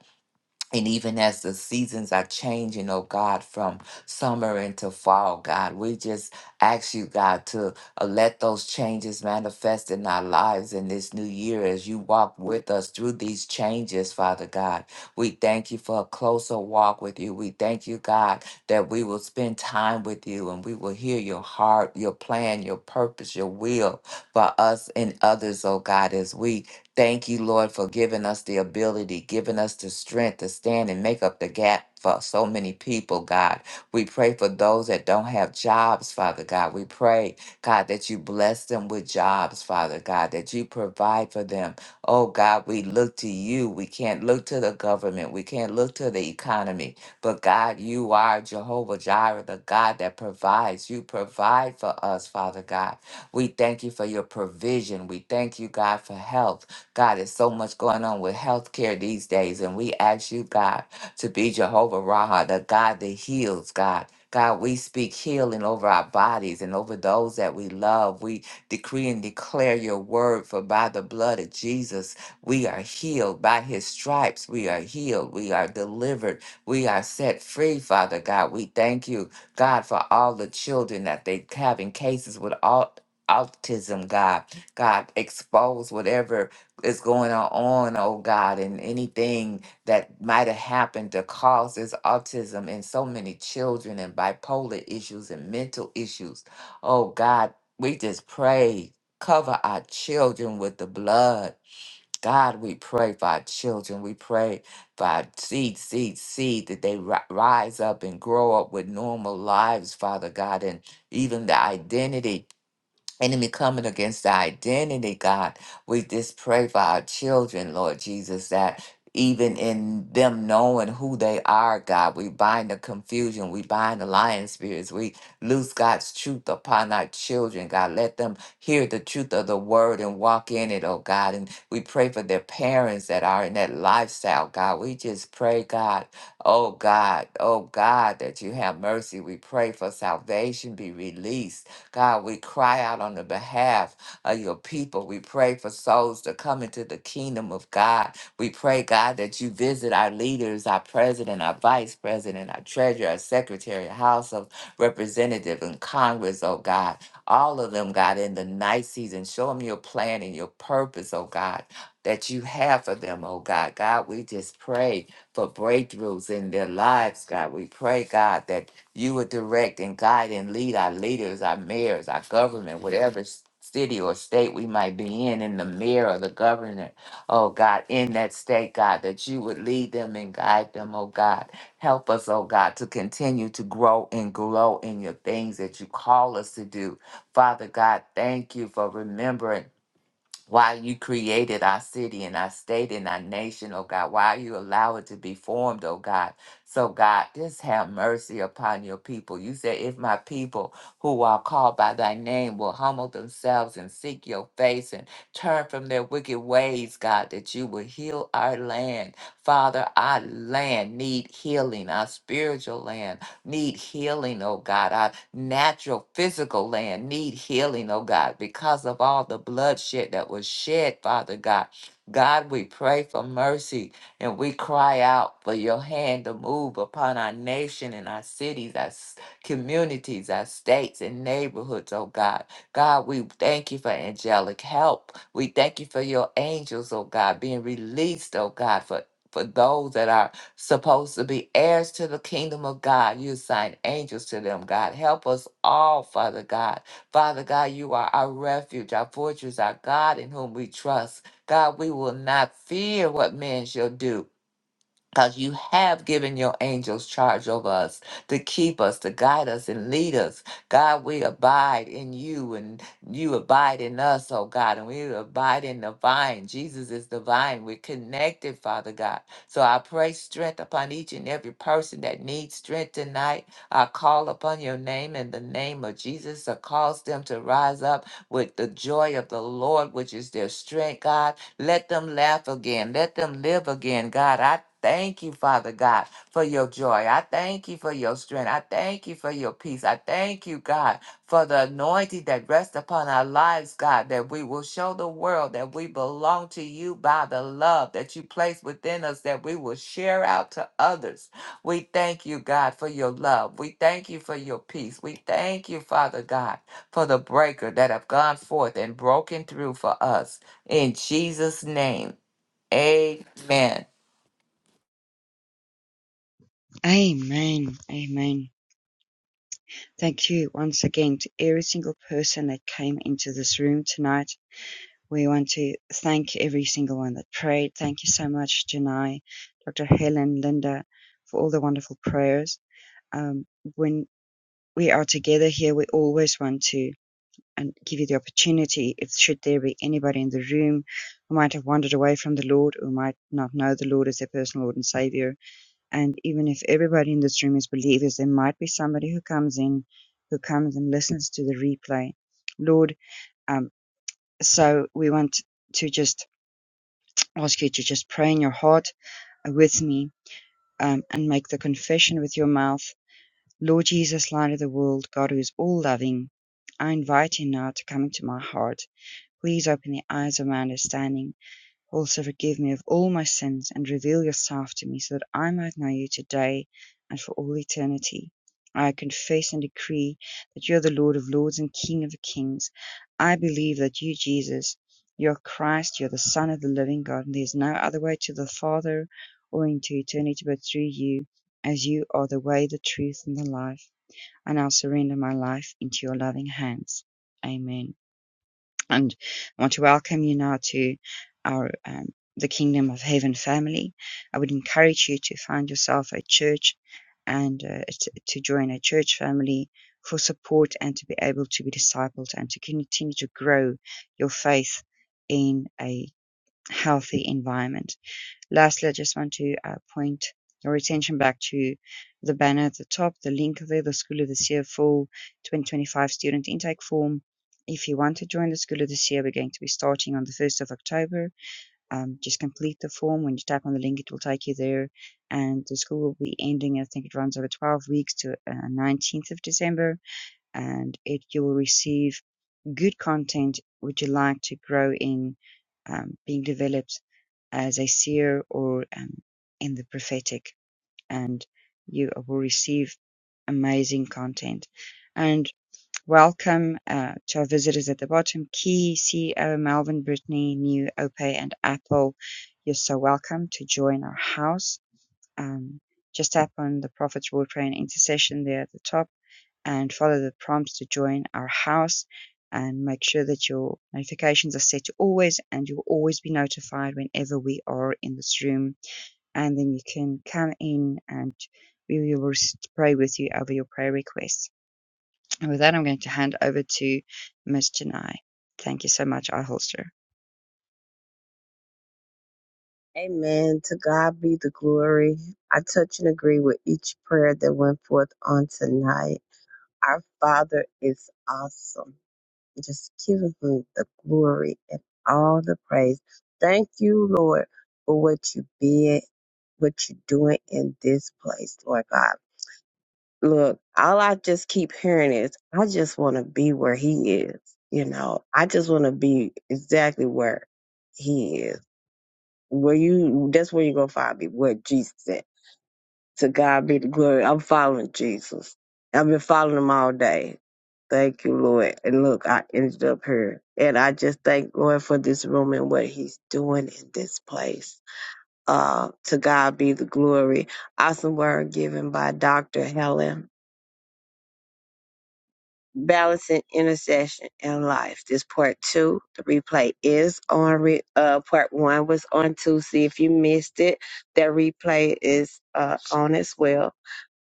And even as the seasons are changing, oh God, from summer into fall, God, we just ask you, God, to uh, let those changes manifest in our lives in this new year as you walk with us through these changes, Father God. We thank you for a closer walk with you. We thank you, God, that we will spend time with you and we will hear your heart, your plan, your purpose, your will for us and others, oh God, as we Thank you, Lord, for giving us the ability, giving us the strength to stand and make up the gap for so many people, God. We pray for those that don't have jobs, Father God. We pray, God, that you bless them with jobs, Father God, that you provide for them. Oh, God, we look to you. We can't look to the government. We can't look to the economy. But, God, you are Jehovah Jireh, the God that provides. You provide for us, Father God. We thank you for your provision. We thank you, God, for help. God, there's so much going on with healthcare these days, and we ask you, God, to be Jehovah Raha, the God that heals, God. God, we speak healing over our bodies and over those that we love. We decree and declare your word, for by the blood of Jesus, we are healed. By his stripes, we are healed. We are delivered. We are set free, Father God. We thank you, God, for all the children that they have in cases with all. Autism, God, God, expose whatever is going on, oh God, and anything that might have happened that causes autism in so many children and bipolar issues and mental issues. Oh God, we just pray, cover our children with the blood. God, we pray for our children. We pray for our seed, seed, seed, that they ri- rise up and grow up with normal lives, Father God, and even the identity enemy coming against our identity, God. We just pray for our children, Lord Jesus, that even in them knowing who they are, God, we bind the confusion, we bind the lying spirits, we loose God's truth upon our children, God. Let them hear the truth of the word and walk in it, oh God. And we pray for their parents that are in that lifestyle, God. We just pray, God, oh God, oh God, that you have mercy. We pray for salvation be released God, we cry out on the behalf of your people. We pray for souls to come into the kingdom of God. We pray, God, that you visit our leaders, our president, our vice president, our treasurer, our secretary, House of Representative, and Congress, oh God. All of them, God, in the night season. Show them your plan and your purpose, oh God, that you have for them, oh God. God, we just pray for breakthroughs in their lives, God. We pray, God, that you would direct and guide and lead our leaders, our mayors, our government, whatever s- city or state we might be in, in the mayor or the governor, oh God, in that state, God, that you would lead them and guide them, oh God. Help us, oh God, to continue to grow and glow in your things that you call us to do. Father God, thank you for remembering. Why you created our city and our state and our nation, oh God. Why you allow it to be formed, oh God. So, God, just have mercy upon your people. You said, if my people who are called by thy name will humble themselves and seek your face and turn from their wicked ways, God, that you will heal our land. Father, our land need healing, our spiritual land need healing, oh God. Our natural physical land need healing, oh God, because of all the bloodshed that was shed, Father God. God, we pray for mercy and we cry out for your hand to move upon our nation and our cities, our s- communities, our states and neighborhoods, oh God. God, we thank you for angelic help. We thank you for your angels, oh God, being released, oh God, for, for those that are supposed to be heirs to the kingdom of God. You assign angels to them, God. Help us all, Father God. Father God, you are our refuge, our fortress, our God in whom we trust. God, we will not fear what man shall do because you have given your angels charge over us to keep us, to guide us, and lead us. God, we abide in you and you abide in us, oh God, and we abide in the vine. Jesus is the vine. We're connected, Father God. So I pray strength upon each and every person that needs strength tonight. I call upon your name in the name of Jesus to cause them to rise up with the joy of the Lord, which is their strength, God. Let them laugh again. Let them live again. God, I thank you, Father God, for your joy. I thank you for your strength. I thank you for your peace. I thank you, God, for the anointing that rests upon our lives, God, that we will show the world that we belong to you by the love that you place within us, that we will share out to others. We thank you, God, for your love. We thank you for your peace. We thank you, Father God, for the breaker that have gone forth and broken through for us. In Jesus' name, amen. Amen. Amen. Thank you once again to every single person that came into this room tonight. We want to thank every single one that prayed. Thank you so much, Janai, Dr. Helen, Linda, for all the wonderful prayers. Um, when we are together here, we always want to and give you the opportunity if should there be anybody in the room who might have wandered away from the Lord or might not know the Lord as their personal Lord and Savior. And even if everybody in this room is believers, there might be somebody who comes in who comes and listens to the replay. Lord, um, so we want to just ask you to just pray in your heart with me um, and make the confession with your mouth. Lord Jesus, light of the world, God who is all loving, I invite you now to come into my heart. Please open the eyes of my understanding. Also forgive me of all my sins and reveal yourself to me so that I might know you today and for all eternity. I confess and decree that you are the Lord of lords and King of kings. I believe that you, Jesus, you are Christ, you are the Son of the living God, and there is no other way to the Father or into eternity but through you, as you are the way, the truth, and the life. I now surrender my life into your loving hands. Amen. And I want to welcome you now to our um, the Kingdom of Heaven family. I would encourage you to find yourself a church and uh, t- to join a church family for support and to be able to be discipled and to continue to grow your faith in a healthy environment. Lastly, I just want to uh, point your attention back to the banner at the top, the link there, the School of the Seer full 2025 student intake form. If you want to join the School of the Seer, we're going to be starting on the 1st of October. Um, just complete the form. When you tap on the link, it will take you there. And the school will be ending, I think it runs over 12 weeks to uh, 19th of December. And it you will receive good content which you like to grow in um, being developed as a seer or um, in the prophetic and you will receive amazing content and welcome uh, to our visitors at the bottom key ceo melvin brittany new ope and apple you're so welcome to join our house um, just tap on the Prophet's War Train intercession there at the top and follow the prompts to join our house and make sure that your notifications are set to always and you'll always be notified whenever we are in this room and then you can come in and we will pray with you over your prayer requests. And with that, I'm going to hand over to Miss Janai. Thank you so much, I holster. Amen. To God be the glory. I touch and agree with each prayer that went forth on tonight. Our Father is awesome. Just give him the glory and all the praise. Thank you, Lord, for what you did, what you're doing in this place, Lord God. look, all I just keep hearing is, I just want to be where he is. You know, I just want to be exactly where he is. Where you, that's where you're going to find me, where Jesus at. To God be the glory. I'm following Jesus. I've been following him all day. Thank you, Lord. And look, I ended up here. And I just thank Lord for this room and what he's doing in this place. Uh, to God be the glory. Awesome word given by Dr. Helen balancing intercession and life. This part two, the replay is on. Re- uh, part one was on Tuesday. If you missed it, that replay is uh, on as well.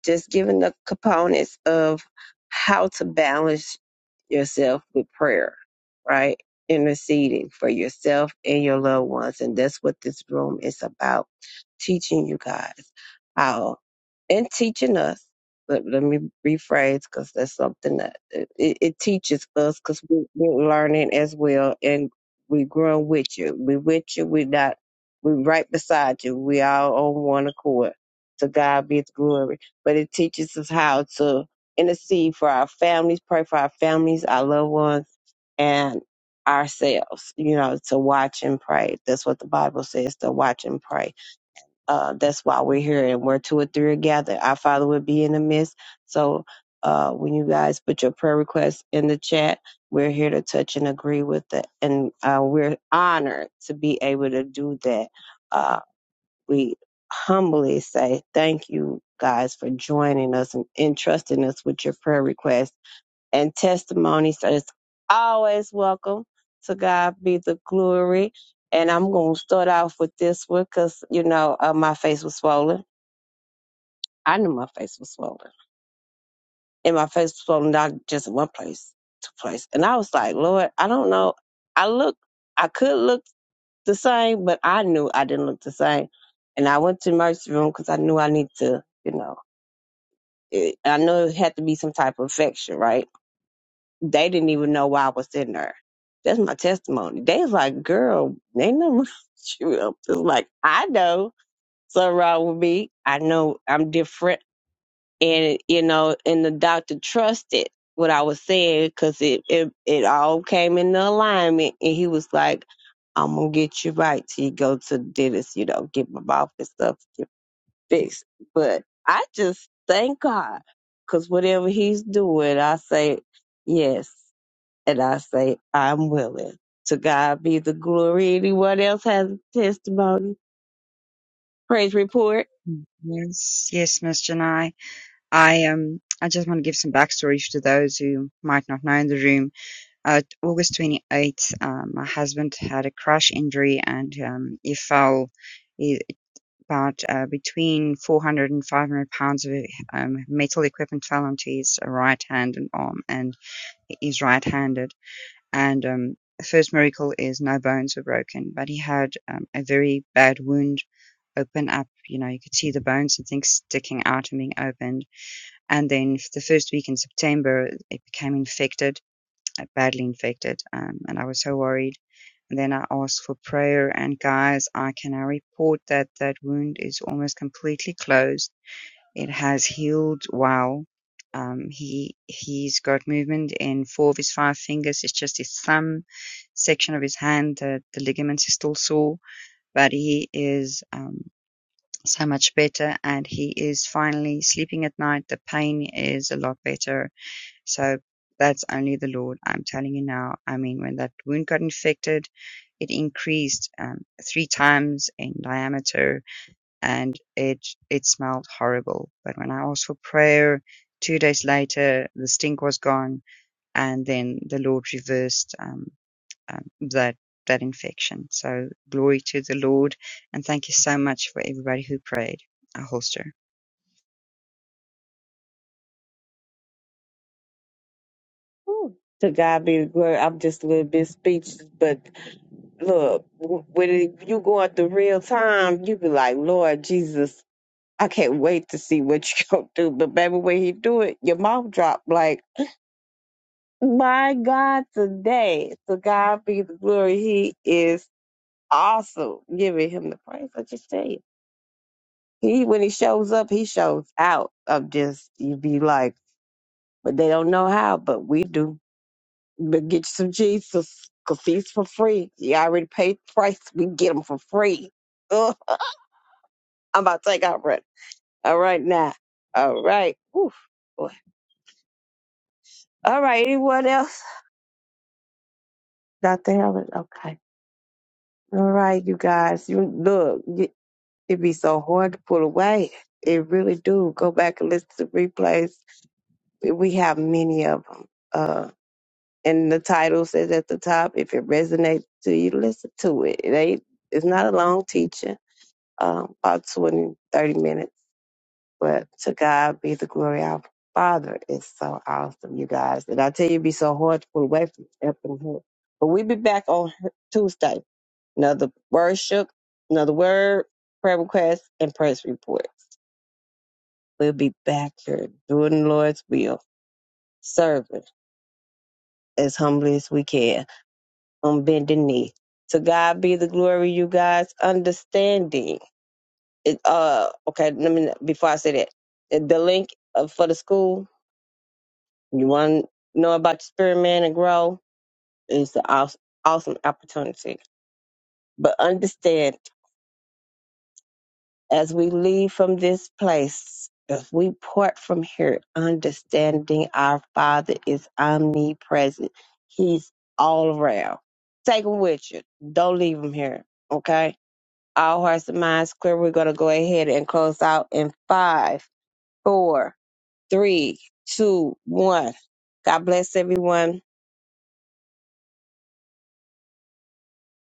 Just giving the components of how to balance yourself with prayer, right? Interceding for yourself and your loved ones. And that's what this room is about. Teaching you guys how and teaching us let, let me rephrase because that's something that it, it it teaches us because we, we're learning as well and we're growing with you. We're with you. We're not, we're right beside you. We all on one accord. To God be the glory. But it teaches us how to intercede for our families, pray for our families, our loved ones, and ourselves, you know, to watch and pray. That's what the Bible says, to watch and pray uh, that's why we're here and where two or three are gathered. Our Father will be in the midst. So uh, when you guys put your prayer requests in the chat, we're here to touch and agree with it. And uh, we're honored to be able to do that. Uh, we humbly say thank you guys for joining us and entrusting us with your prayer requests and testimony. So it's always welcome. To God be the glory. And I'm going to start off with this one because, you know, uh, my face was swollen. I knew my face was swollen. And my face was swollen not just in one place, two places. And I was like, Lord, I don't know. I look, I could look the same, but I knew I didn't look the same. And I went to the emergency room because I knew I need to, you know, it, I knew it had to be some type of infection, right? they didn't even know why I was in there. That's my testimony. They was like, girl, they know you up. It's like, I know something wrong with me. I know I'm different. And, you know, and the doctor trusted what I was saying because it, it, it all came into alignment. And he was like, I'm going to get you right till you go to the dentist, you know, get my mouth and stuff get fixed. But I just thank God because whatever he's doing, I say, yes. And I say, I'm willing. To God be the glory. Anyone else has a testimony? Praise report. Yes, yes, Miss Janai. I um I just want to give some backstory to those who might not know in the room. Uh, August 28th, um, my husband had a crash injury and um, he fell he, about uh, between 400 and 500 pounds of um, metal equipment fell onto his right hand and arm and he's right-handed and um, the first miracle is no bones were broken, but he had um, a very bad wound open up. You know, you could see the bones and things sticking out and being opened and then the first week in September, it became infected, uh, badly infected, um, and I was so worried. And then I asked for prayer, and guys, I can now report that that wound is almost completely closed. It has healed well. Um, he he's got movement in four of his five fingers. It's just his thumb section of his hand that the ligaments is still sore, but he is um, so much better and he is finally sleeping at night. The pain is a lot better. So that's only the Lord. I'm telling you now. I mean, when that wound got infected, it increased um, three times in diameter and it, it smelled horrible. But when I asked for prayer, two days later, the stink was gone and then the Lord reversed, um, um, that, that infection. So glory to the Lord. And thank you so much for everybody who prayed. A holster. Ooh. To God be the glory. I'm just a little bit speechless, but look, w- when you going through real time, you be like, Lord Jesus, I can't wait to see what you gonna do. But baby, when he do it, your mouth drop like, my God, today. To God be the glory. He is awesome. Giving him the praise. I just tell you. He when he shows up, he shows out of just you be like, but they don't know how, but we do. But get you some Jesus, cause he's for free. You already paid the price. We get him for free. Ugh, I'm about to take out breath. All right now. All right. Oof. Boy. All right. Anyone else? Doctor Helen. Okay. All right, you guys. You look. y- It be so hard to pull away. It really do. Go back and listen to replays. We we have many of them and the title says at the top, if it resonates to you, listen to it. It ain't, it's not a long teaching, um, about 20, 30 minutes, but to God be the glory. Our Father is so awesome, you guys. And I tell you, it'd be so hard to pull away from up in But we'll be back on Tuesday. Another worship, another word, prayer request, and press report. We'll be back here doing the Lord's will, serving as humbly as we can. on bended knee. To God be the glory, you guys. Understanding. It, uh, okay, let me, before I say that, the the link uh, for the school, you want to know about the Spirit Man and grow, is an awesome, awesome opportunity. But understand, as we leave from this place, as we part from here, understanding our Father is omnipresent. He's all around. Take him with you. Don't leave him here, okay? All hearts and minds clear. We're going to go ahead and close out in five, four, three, two, one. God bless everyone.